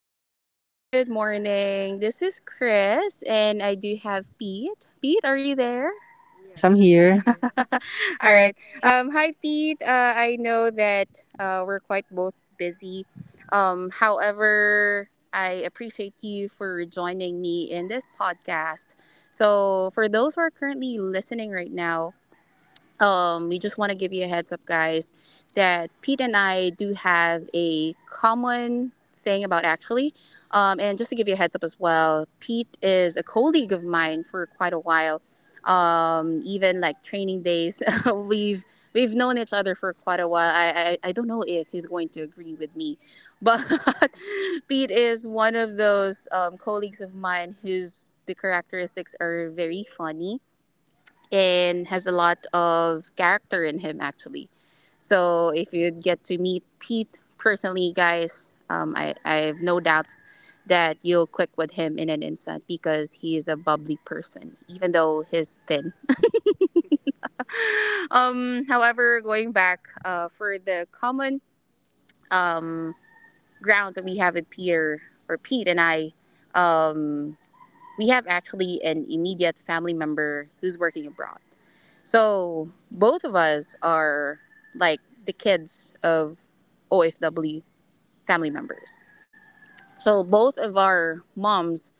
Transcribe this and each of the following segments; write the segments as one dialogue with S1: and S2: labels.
S1: Hi everyone, good morning. This is Chris and I do have Pete. Pete, are you there?
S2: Yes, I'm here.
S1: All
S2: All
S1: right.
S2: right.
S1: Hi Pete. I know that we're quite both busy. However, I appreciate you for joining me in this podcast. So, for those who are currently listening right now, we just want to give you a heads up, guys, that Pete and I do have a common thing about actually. And just to give you a heads up as well, Pete is a colleague of mine for quite a while. Even like training days, we've we've known each other for quite a while. I don't know if he's going to agree with me, but Pete is one of those colleagues of mine whose the characteristics are very funny and has a lot of character in him actually. So if you get to meet Pete personally, guys, I have no doubts that you'll click with him in an instant because he is a bubbly person, even though he's thin. However, going back for the common um, grounds that we have with Peter or Pete and I. Um, We have actually an immediate family member who's working abroad. So both of us are like the kids of OFW family members. So both of our moms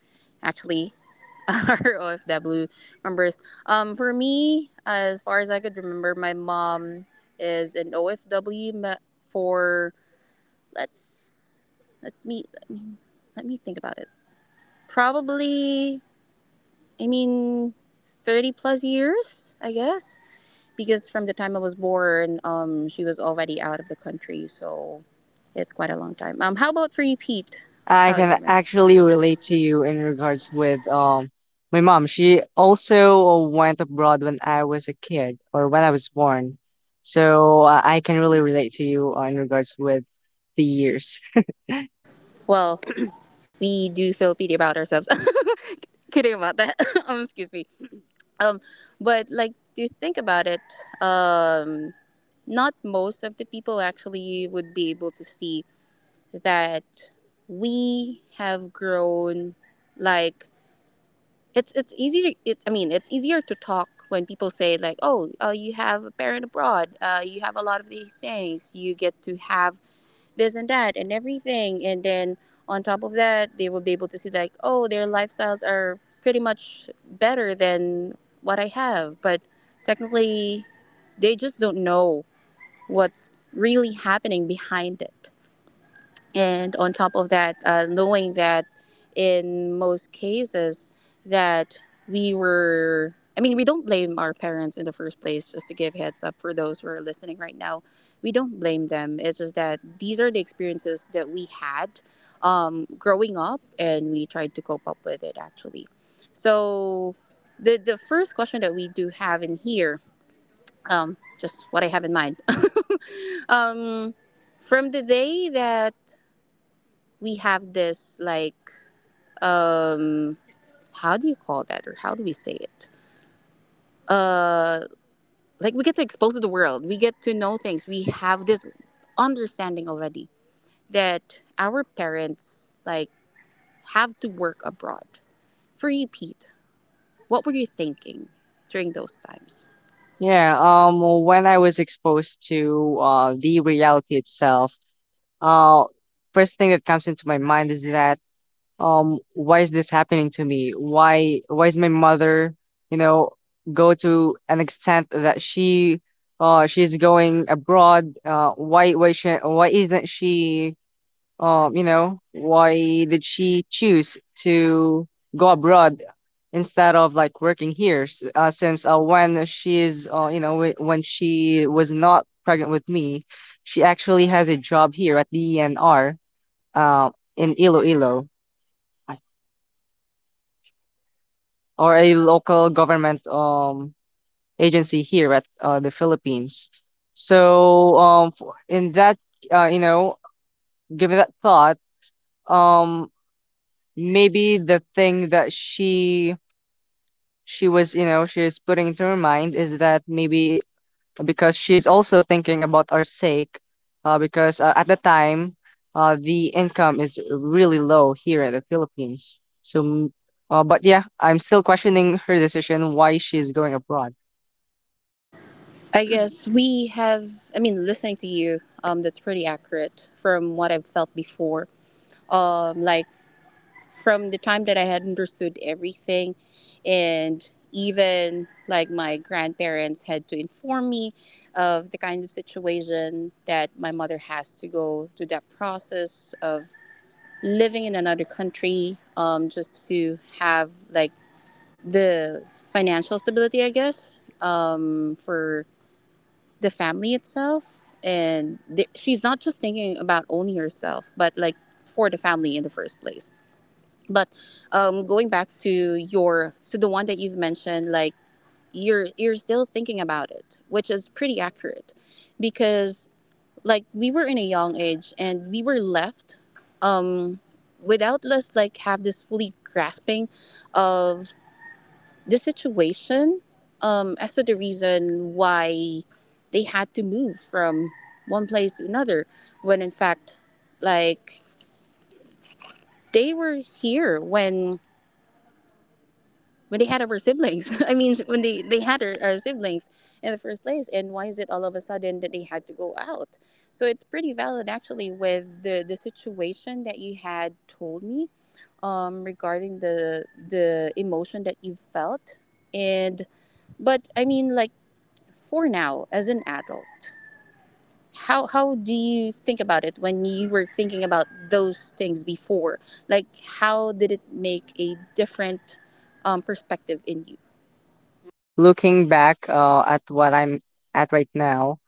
S1: actually are OFW members. For me, as far as I could remember, my mom is an OFW me- for let's let's meet. Let me think about it. Probably I mean, 30 plus years, I guess. Because from the time I was born, she was already out of the country, so it's quite a long time. How about for you, Pete? I
S2: I
S1: How
S2: can Um,
S1: can actually
S2: actually relate
S1: relate
S2: to
S1: to you
S2: you
S1: in
S2: in
S1: regards
S2: regards
S1: with
S2: with
S1: um,
S2: my mom. She also went abroad when I was a kid or when I was born. So I can really relate to you in regards with the years.
S1: Well, we do feel pity about ourselves. Kidding about that. Excuse me. Um, but like, do you think about it? Um, not most of the people actually would be able to see that we have grown like it's easier it, I mean it's easier to talk when people say like, oh, you have a parent abroad, you have a lot of these things, you get to have this and that and everything, and then on top of that they will be able to see like, oh, their lifestyles are pretty much better than what I have. But technically, they just don't know what's really happening behind it. And on top of that, knowing that in most cases that we were I mean we don't blame our parents in the first place, just to give heads up for those who are listening right now, we don't blame them. It's just that these are the experiences that we had, growing up, and we tried to cope up with it actually. So the first question that we do have in here, just what I have in mind, um, from the day that we have this like um how do you call that or how do we say it like, we get to expose to the world, we get to know things, we have this understanding already that our parents like have to work abroad. For you, Pete, what were you thinking during those times?
S2: Yeah, when I was exposed to the reality itself, uh first thing that comes into my mind is that why is this happening to me, why is my mother, you know, go to an extent that she's going abroad. Why, why isn't she, you know, why did she choose to go abroad instead of like working here. Since when she's you know, when she was not pregnant with me, she actually has a job here at the ENR uh in Iloilo, or a local government agency here at the Philippines. So for, in that you know, given that thought, um maybe the thing that she was, you know, she is putting into her mind is that maybe because she is also thinking about our sake, because at the time the income is really low here in the Philippines, but yeah, I'm still questioning her decision why she's going abroad.
S1: I guess we have, listening to you, that's pretty accurate from what I've felt before. um like from the time that I had understood everything, and even like my grandparents had to inform me of the kind of situation that my mother has to go through, that process of living in another country, just to have like the financial stability, I guess, for the family itself. And she's not just thinking about only herself, but like for the family in the first place. But going back to your to the one that you've mentioned, like, you're still thinking about it, which is pretty accurate, because like we were in a young age and we were left, um, without us like have this fully grasping of the situation, as to the reason why they had to move from one place to another, when in fact, like, they were here when they had our siblings. I mean, when they had our siblings in the first place, and why is it all of a sudden that they had to go out? So it's pretty valid actually with the situation that you had told me, regarding the emotion that you felt. And but I mean like, for now as an adult, how do you think about it when you were thinking about those things before? Like, how did it make a different perspective in you?
S2: Yeah, looking back at what I'm at right now,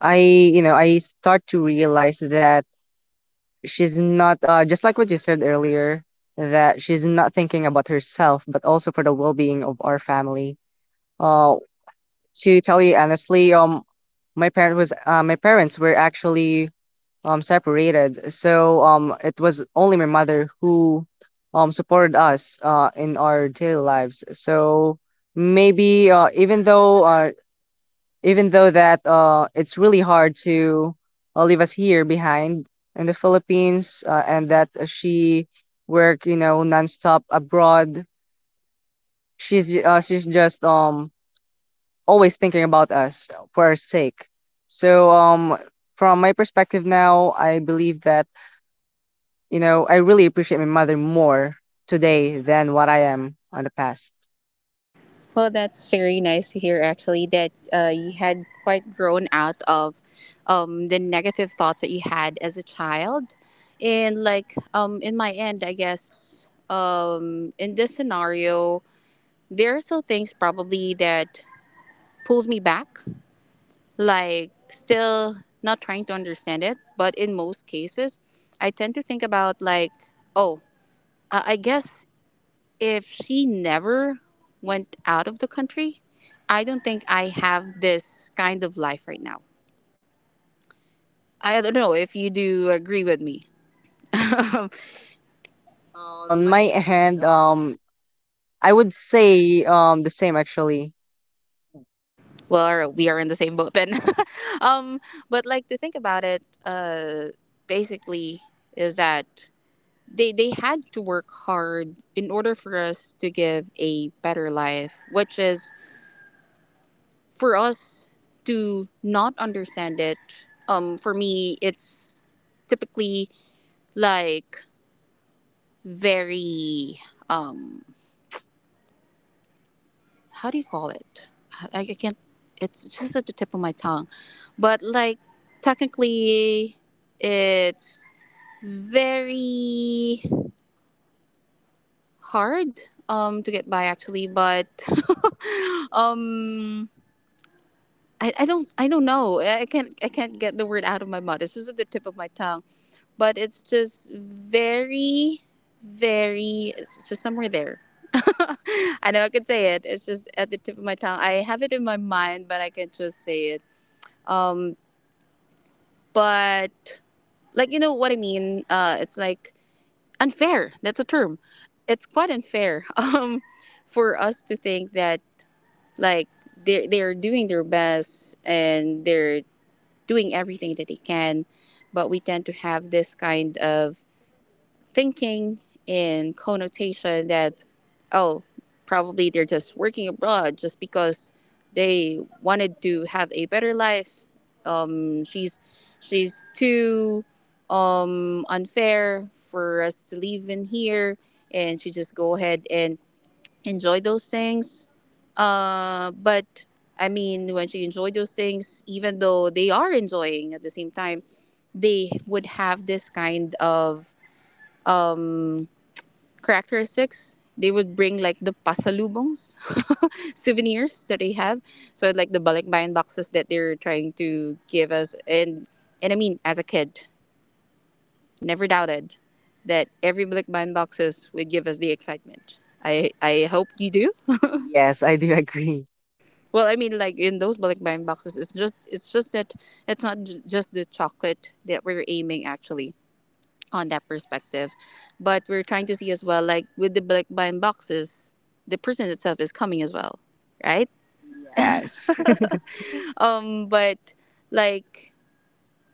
S2: I, you know, I start to realize that she's not just like what you said earlier, that she's not thinking about herself, but also for the well-being of our family. Uh, to tell you honestly, my parents were actually separated, so it was only my mother who supported us in our daily lives. So maybe even though that it's really hard to leave us here behind in the Philippines, and that she work, you know, nonstop abroad. She's just always thinking about us for our sake. So from my perspective now, I believe that, you know, I really appreciate my mother more today than what I am on the past.
S1: Well, that's very nice to hear. Actually, that you had quite grown out of the negative thoughts that you had as a child. And like, in my end, I guess, in this scenario, there are still things probably that pulls me back. Like, still not trying to understand it, but in most cases, I tend to think about like, oh, I guess if she never went out of the country, I don't think I have this kind of life right now. I don't know if you do agree with me. On
S2: On
S1: my
S2: my
S1: hand,
S2: hand, I would say the same actually.
S1: well, we are in the same boat then. um, but like to think about it, basically is that they had to work hard in order for us to give a better life, which is for us to not understand it. For me, it's typically like very, um, how do you call it? I can't, it's just at the tip of my tongue. But like, technically, it's very hard to get by actually, but um, I don't, I don't know. I can't, I can't get the word out of my mouth. It's just at the tip of my tongue, but it's just very, very, it's just somewhere there. I know I could say it. It's just at the tip of my tongue. I have it in my mind, but I can just say it. Um, but like, you know what I mean. It's like unfair. That's a term. It's quite unfair. For us to think that like, they are doing their best and they're doing everything that they can, but we tend to have this kind of thinking in connotation that, oh, probably they're just working abroad just because they wanted to have a better life. Um she's she's too unfair for us to live in here, and she just go ahead and enjoy those things. But I mean When she enjoyed those things, even though they are enjoying at the same time, they would have this kind of characteristics, they would bring like the pasalubongs, souvenirs that they have, so like the balikbayan boxes that they're trying to give us. And as a kid, never doubted that every balikbayan boxes would give us the excitement. I hope you do. Yes,
S2: Yes,
S1: I
S2: I
S1: do.
S2: do agree.
S1: Well, like, in those balikbayan boxes, it's just, it's just that it's not just the chocolate that we're aiming actually on that perspective. But we're trying to see as well, like with the black blind boxes, the person itself is coming as well, right?
S2: Yes.
S1: But like,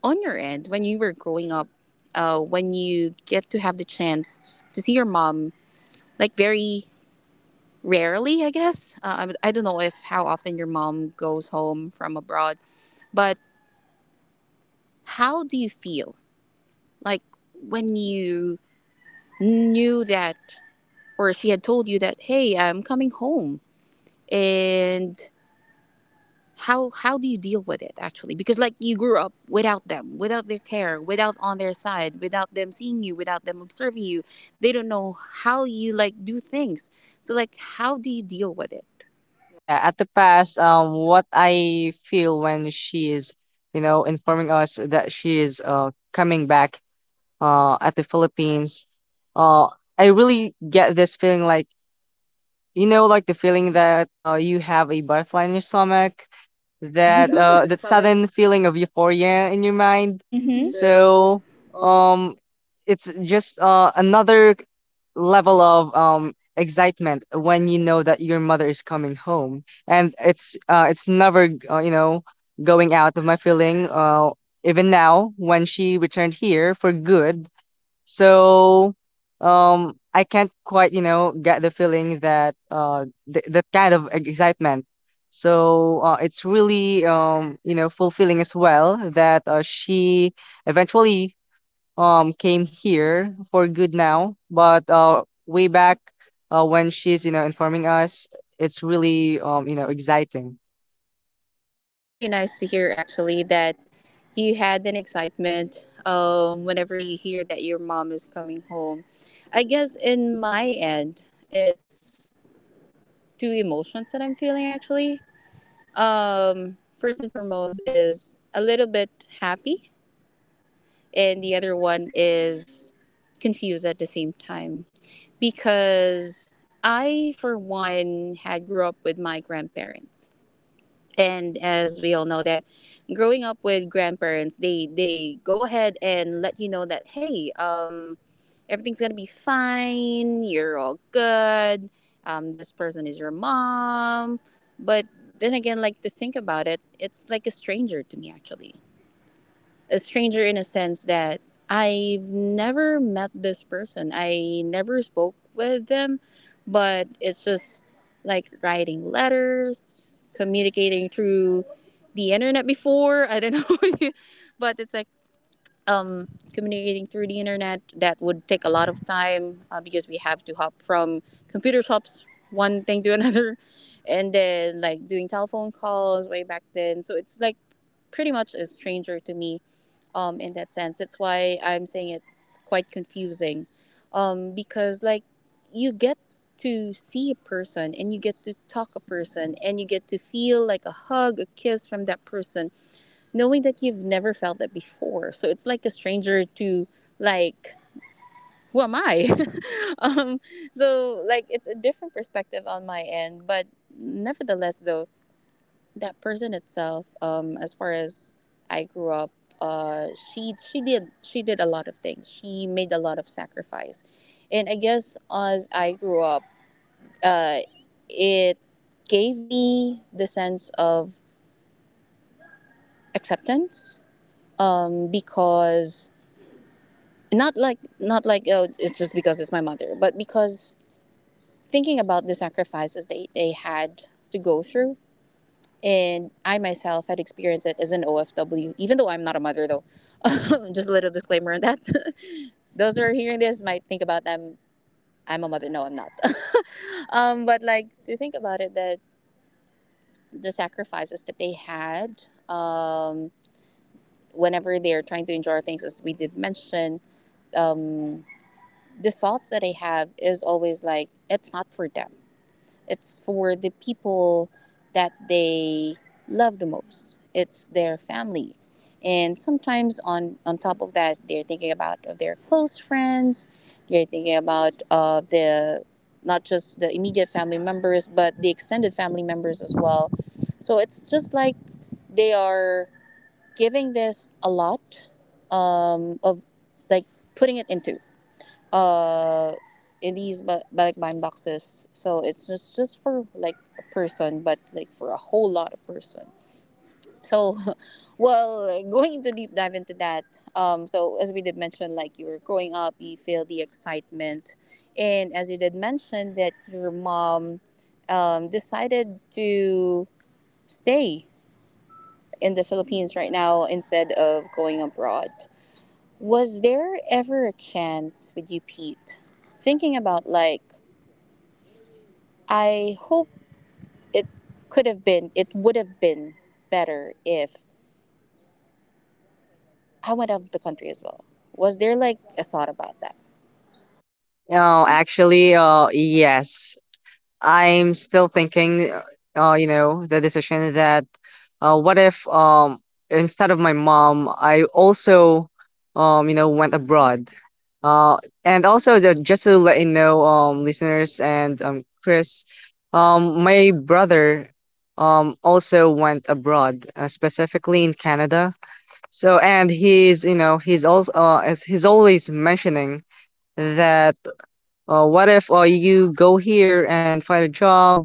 S1: on your end, when you were growing up, when you get to have the chance to see your mom, like very rarely, I guess. I don't know if how often your mom goes home from abroad, but how do you feel like when you knew that, or she had told you that, hey, I'm coming home? And how do you deal with it actually, because like, you grew up without them, without their care, without on their side, without them seeing you, without them observing you, they don't know how you like do things. So like, how do you deal with it?
S2: Yeah, at the past, what I feel when she is, you know, informing us that she is coming back at the Philippines, uh, I really get this feeling like, you know, like the feeling that you have a butterfly in your stomach,
S1: That
S2: that mhm,
S1: that
S2: that
S1: sudden
S2: sudden feeling of euphoria in your mind.
S1: hmm
S2: Mhm.
S1: so
S2: So,
S1: uh,
S2: um, it's just another level of excitement when you know that your mother is coming home, and it's never you know, going out of my feeling even now when she returned here for good. So I can't quite, you know, get the feeling that that kind of excitement. So it's really you know, fulfilling as well that she eventually came here for good now, but way back when she's, you know, informing us, it's really you know, exciting.
S1: well, that's pretty nice to hear actually, that you had an excitement whenever you hear that your mom is coming home. I guess in my end, it's two emotions that I'm feeling actually. First and foremost is a little bit happy, and the other one is confused at the same time, because I, for one, had grew up with my grandparents. And as we all know that growing up with grandparents, they go ahead and let you know that, hey, everything's gonna be fine, you're all good, um, this person is your mom. But then again, like, to think about it, it's like a stranger to me actually. A stranger in a sense that I've never met this person. I never spoke with them, but it's just like writing letters, communicating through the internet before. I don't know, but it's like um, communicating through the internet that would take a lot of time because we have to hop from computer shops one thing to another, and then like doing telephone calls way back then, so it's like pretty much a stranger to me, in that sense. That's why I'm saying it's quite confusing, because, like, you get to see a person, and you get to talk a person, and you get to feel like a hug, a kiss from that person, knowing that you've never felt that before. So it's like a stranger to, like, who am I? um, so, like, it's a different perspective on my end, but nevertheless, though, that person itself, as far as I grew up, uh she did a lot of things, she made a lot of sacrifice. And I guess as I grew up, uh it gave me the sense of acceptance, because, not like, not like, oh, it's just because it's my mother, but because thinking about the sacrifices they had to go through. And I myself had experienced it as an OFW, even though I'm not a mother, though. Just a little disclaimer on that. Those who are hearing this might think about them. I'm a mother. No, I'm not. But like to think about it, that the sacrifices that they had, whenever they're trying to enjoy things, as we did mention, um, the thoughts that I have is always like it's not for them. It's for the people that they love the most. It's their family. And sometimes on top of that, they're thinking about of their close friends. They're thinking about the, not just the immediate family members, but the extended family members as well. So it's just like they are giving this a lot, of, like, putting it into, uh in these balikbayan boxes, so it's just for like a person, but like for a whole lot of person. So well, like, going into deep dive into that, so as we did mention, like, you were growing up, you feel the excitement, and as you did mention that your mom decided to stay in the Philippines right now instead of going abroad, was there ever a chance with you, Pete, thinking about, like, I hope it could have been, it would have been better if I went out of the country as well. Was there like a thought about that?
S2: Oh, actually, yes. I'm still thinking, you know, the decision that what if, instead of my mom, I also, you know, went abroad. Uh, and also, the, just to let you know, listeners and Chris, my brother also went abroad, specifically in Canada. So, and he's, you know, he's also, as he's always mentioning that what if you go here and find a job,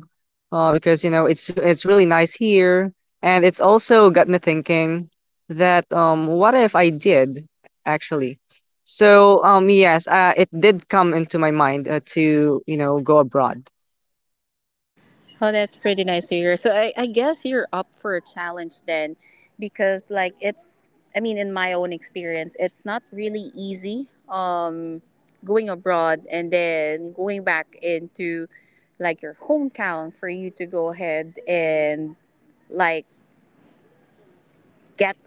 S2: because, you know, it's really nice here, and it's also got me thinking that what if I did actually. So yes, it did come into my mind to, you know, go abroad.
S1: Oh, that's pretty nice to hear. So I guess you're up for a challenge then, because like it's, I mean, in my own experience, it's not really easy, going abroad and then going back into like your hometown for you to go ahead and like get,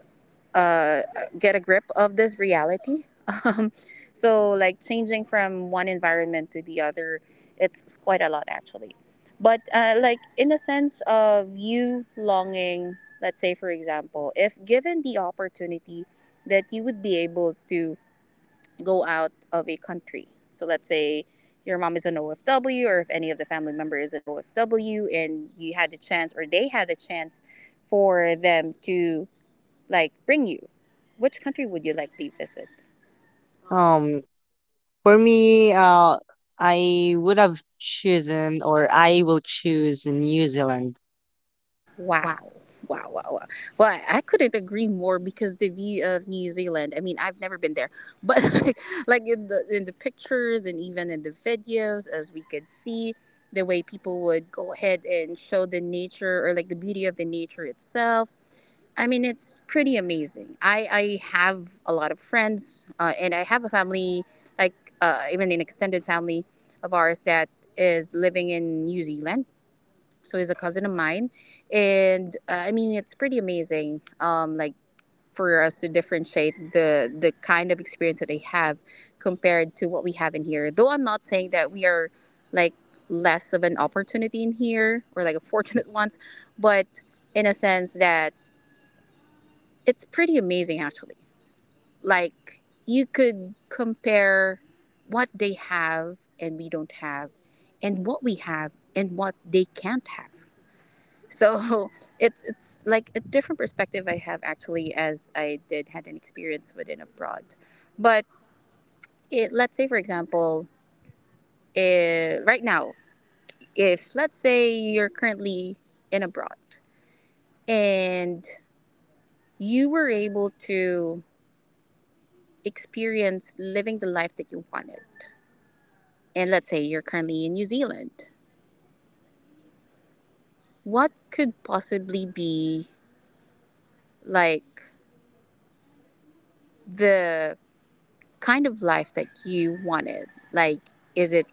S1: uh, get a grip of this reality. Um, so, like changing from one environment to the other, it's quite a lot actually. But, like, in the sense of you longing, let's say, for example, if given the opportunity that you would be able to go out of a country, so let's say your mom is an OFW, or if any of the family member is an OFW, and you had the chance, or they had the chance, for them to like bring you? Which country would you likely visit? Um,
S2: um for me, I would have chosen, or I will choose, New Zealand.
S1: Wow. Wow, wow, wow. Well, I couldn't agree more because the view of New Zealand, I mean, I've never been there, but like in the pictures and even in the videos, as we could see the way people would go ahead and show the nature or like the beauty of the nature itself, I mean, it's pretty amazing. I have a lot of friends, and I have a family, like, even an extended family of ours that is living in New Zealand. So he's a cousin of mine, and I mean, it's pretty amazing. Like, for us to differentiate the kind of experience that they have compared to what we have in here. Though I'm not saying that we are, like, less of an opportunity in here or like a fortunate ones, but in a sense that it's pretty amazing actually. Like, you could compare what they have and we don't have, and what we have and what they can't have. So it's like a different perspective I have actually, as I did had an experience within abroad. But it, let's say for example, eh, right now, if let's say you're currently in abroad, and you were able to experience living the life that you wanted, and let's say you're currently in New Zealand, what could possibly be like the kind of life that you wanted? Like, is it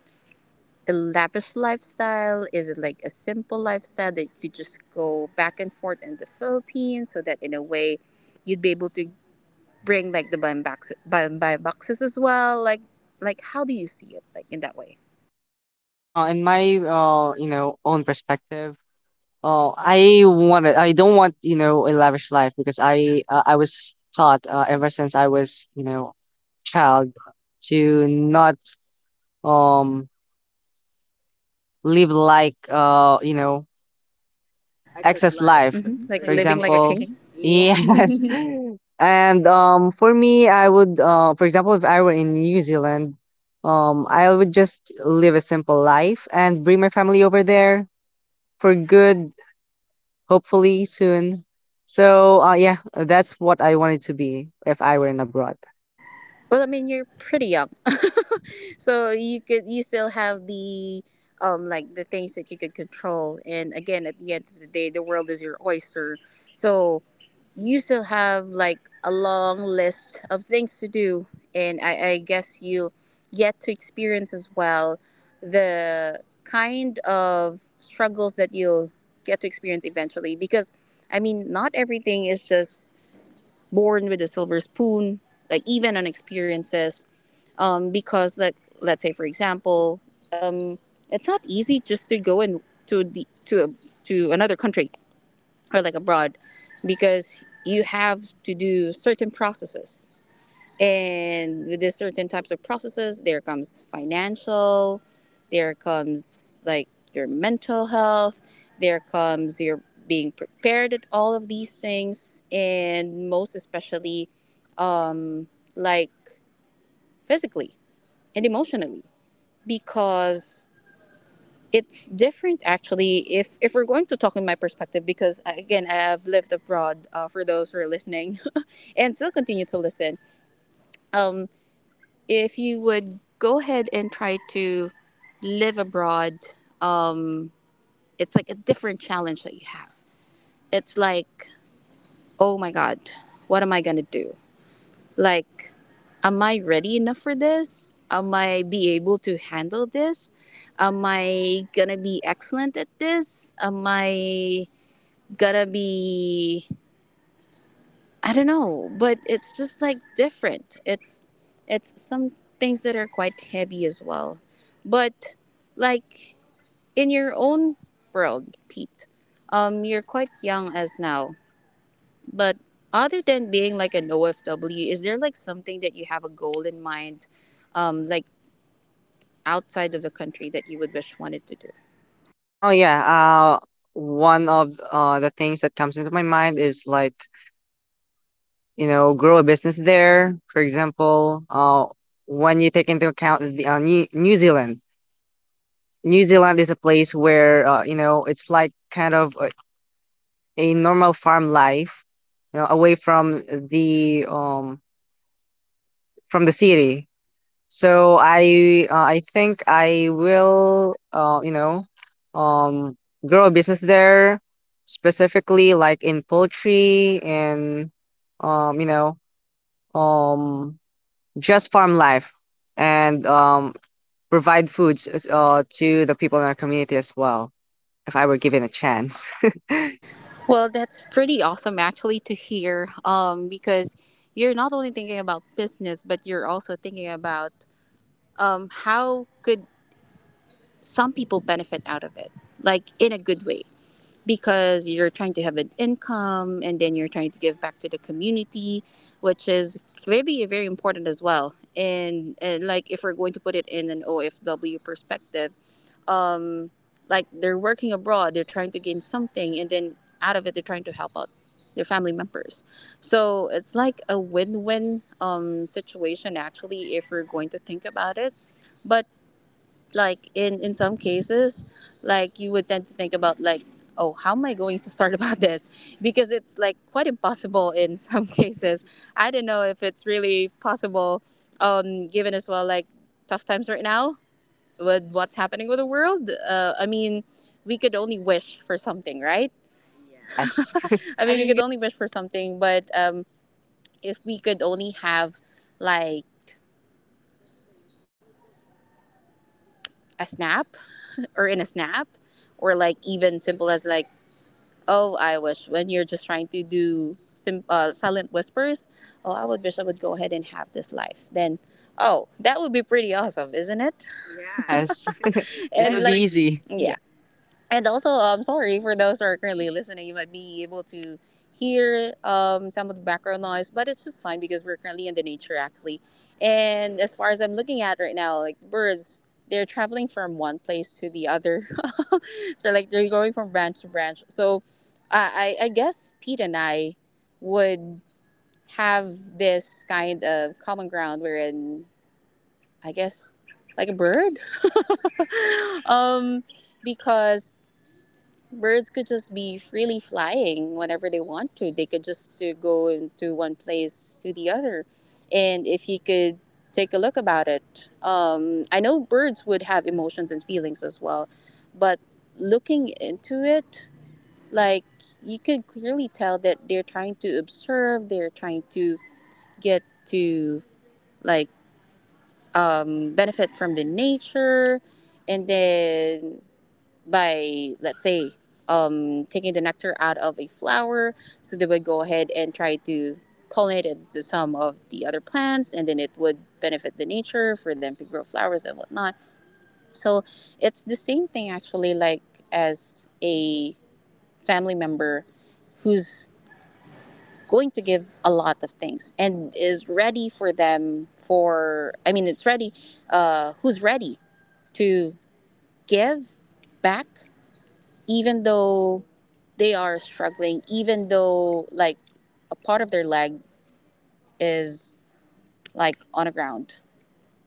S1: a lavish lifestyle? Is it like a simple lifestyle that you just go back and forth in the Philippines, so that in a way you'd be able to bring like the blind box, blind buy boxes as well? Like how do you see it like in that way?
S2: In my you know, own perspective. Oh, I want to, I don't want, you know, a lavish life, because I was taught ever since I was, you know, child to not um live like, you know,
S1: Access
S2: excess
S1: life.
S2: life.
S1: Hmm.
S2: Hmm. For like living
S1: Like
S2: like a,
S1: living like a
S2: example,
S1: king.
S2: king.
S1: Yes.
S2: Yes. And for me, I would, for example, if I were in New Zealand, I would just live a simple life and bring my family over there for good. Hopefully soon. So, yeah, that's what I wanted to be if I were in abroad.
S1: Well, I mean, you're pretty young, so you could, you still have the like the things that you could control. And again, at the end of the day, the world is your oyster, so you still have like a long list of things to do. And I guess you get to experience as well the kind of struggles that you'll get to experience eventually. Because, I mean, not everything is just born with a silver spoon. Like even on experiences, because let's say for example, um, it's not easy just to go and to the to a, to another country or like abroad, because you have to do certain processes, and with these certain types of processes, there comes financial, there comes like your mental health, there comes your being prepared at all of these things, and most especially, um like physically and emotionally, because it's different actually, if we're going to talk in my perspective, because again, I have lived abroad, for those who are listening and still continue to listen, um if you would go ahead and try to live abroad, um it's like a different challenge that you have. It's like, oh my god, what am I gonna do? Like, am I ready enough for this? Am I be able to handle this? Am I gonna be excellent at this? Am I gonna be, I don't know, but it's just like different. It's some things that are quite heavy as well. But, like, in your own world, Pete, you're quite young as now, but other than being like an OFW, is there like something that you have a goal in mind, like outside of the country that you would wish wanted to do?
S2: Oh yeah, one of the things that comes into my mind is like, you know, grow a business there. For example, when you take into account the, New Zealand, New Zealand is a place where, you know, it's like kind of a normal farm life, you know, away from the city. So I think I will, you know, um grow a business there specifically like in poultry, and you know, um just farm life, and provide foods to the people in our community as well, if I were given a chance.
S1: Well, that's pretty awesome actually to hear, because you're not only thinking about business, but you're also thinking about, how could some people benefit out of it, like in a good way. Because you're trying to have an income, and then you're trying to give back to the community, which is clearly very important as well. And, like, if we're going to put it in an OFW perspective, um like, they're working abroad, they're trying to gain something, and then out of it they're trying to help out their family members, so it's like a win-win, situation actually, if we're going to think about it. But, like, in some cases, like, you would tend to think about like, oh, how am I going to start about this? Because it's like quite impossible in some cases. I don't know if it's really possible, given as well, like, tough times right now with what's happening with the world. I mean, we could only wish for something, right?
S2: Yes.
S1: I
S2: I
S1: mean, we
S2: mean,
S1: could only wish for something, but if we could only have like a snap, or in a snap, or like even simple as like, oh, I wish, when you're just trying to do silent whispers. Oh, I would wish I would go ahead and have this life. Then, oh, that would be pretty awesome, isn't it? Yes.
S2: Yes. It
S1: And,
S2: would be
S1: like,
S2: like,
S1: easy.
S2: easy. Yeah.
S1: Yeah. And also, I'm sorry for those who are currently listening. You might be able to hear, some of the background noise, but it's just fine because we're currently in the nature actually. And as far as I'm looking at right now, like, birds, they're traveling from one place to the other. So like they're going from branch to branch. So I guess Pete and I would have this kind of common ground wherein I guess like a bird. um because birds could just be freely flying whenever they want to. They could just to go into one place to the other. And if you could take a look about it, I know birds would have emotions and feelings as well, but looking into it like you could clearly tell that they're trying to observe, they're trying to get to like benefit from the nature, and then by let's say taking the nectar out of a flower, so they would go ahead and try to pollinate it to some of the other plants, and then it would benefit the nature for them to grow flowers and whatnot. So it's the same thing actually, like as a family member who's going to give a lot of things and is ready for them, for I mean it's ready, who's ready to give back, even though they are struggling, even though like a part of their leg is like on the ground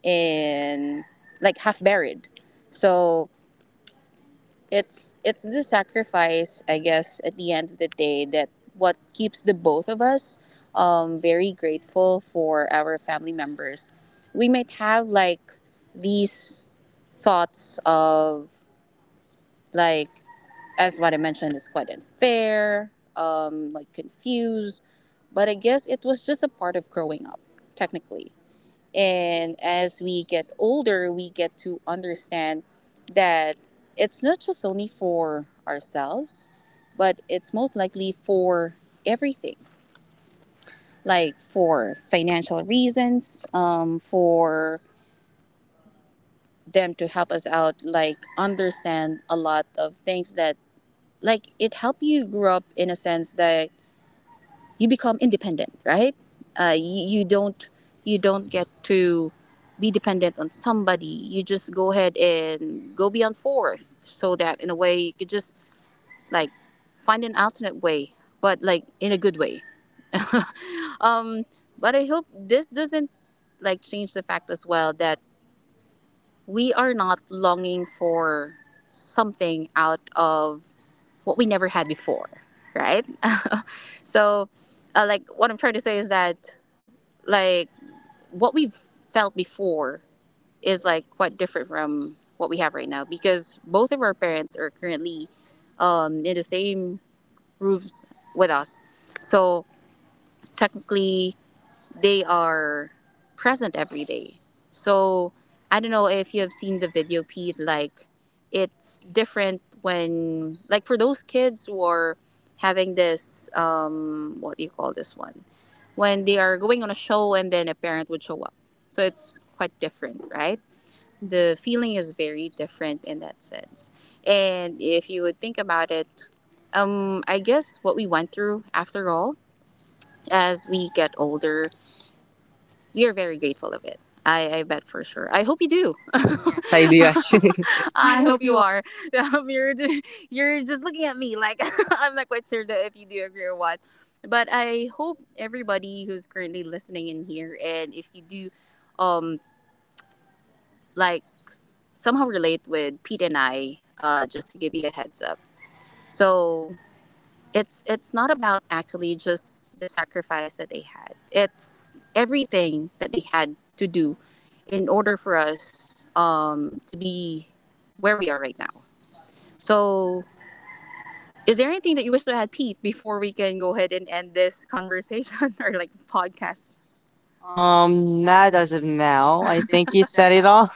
S1: and like half buried. So it's the sacrifice, I guess, at the end of the day, that what keeps the both of us very grateful for our family members. We might have like these thoughts of, like, as what I mentioned, it's quite unfair, like confused, but I guess it was just a part of growing up, technically. And as we get older, we get to understand that it's not just only for ourselves, but it's most likely for everything. Like for financial reasons, for them to help us out, like understand a lot of things that, like, it helped you grow up in a sense that you become independent, right? You, you don't get to be dependent on somebody. You just go ahead and go beyond force, so that in a way you could just like find an alternate way, but like in a good way. um, but I hope this doesn't like change the fact as well that we are not longing for something out of what we never had before, right? So, like what I'm trying to say is that like what we've felt before is like quite different from what we have right now, because both of our parents are currently in the same roofs with us. So technically, they are present every day. So I don't know if you have seen the video, Pete. Like it's different when, like, for those kids who are having this, what do you call this one? When they are going on a show and then a parent would show up. So it's quite different, right? The feeling is very different in that sense. And if you would think about it, I guess what we went through after all, as we get older, you're very grateful of it. I bet for sure. I hope you do.
S2: Yes, I do actually. I
S1: I
S2: hope
S1: hope you
S2: you.
S1: are. I hope you're ju- You're just looking at me like, I'm not quite sure that if you do agree or what. But I hope everybody who's currently listening in here, and if you do, um, like somehow relate with Pete and I, just to give you a heads up. So it's not about actually just the sacrifice that they had, it's everything that they had to do in order for us, to be where we are right now. So is there anything that you wish to add, Pete, before we can go ahead and end this conversation or like podcast? Um,
S2: Not as
S1: doesn't,
S2: of now.
S1: I
S2: I
S1: think
S2: think
S1: you
S2: you
S1: said
S2: said
S1: it
S2: it
S1: all.
S2: all.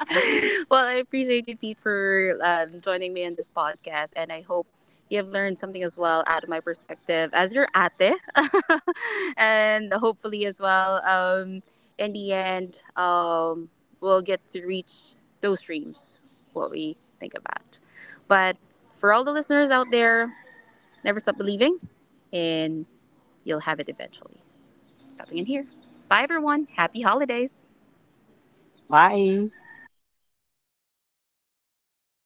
S1: Well, I appreciate you, Pete, for joining me in this podcast, and I hope you have learned something as well out of my perspective as your ate, and hopefully as well. In the end, we'll get to reach those dreams, what we think about. But for all the listeners out there, never stop believing, and you'll have it eventually. Stopping in here. Bye, everyone. Happy holidays.
S2: Bye.
S1: Bye.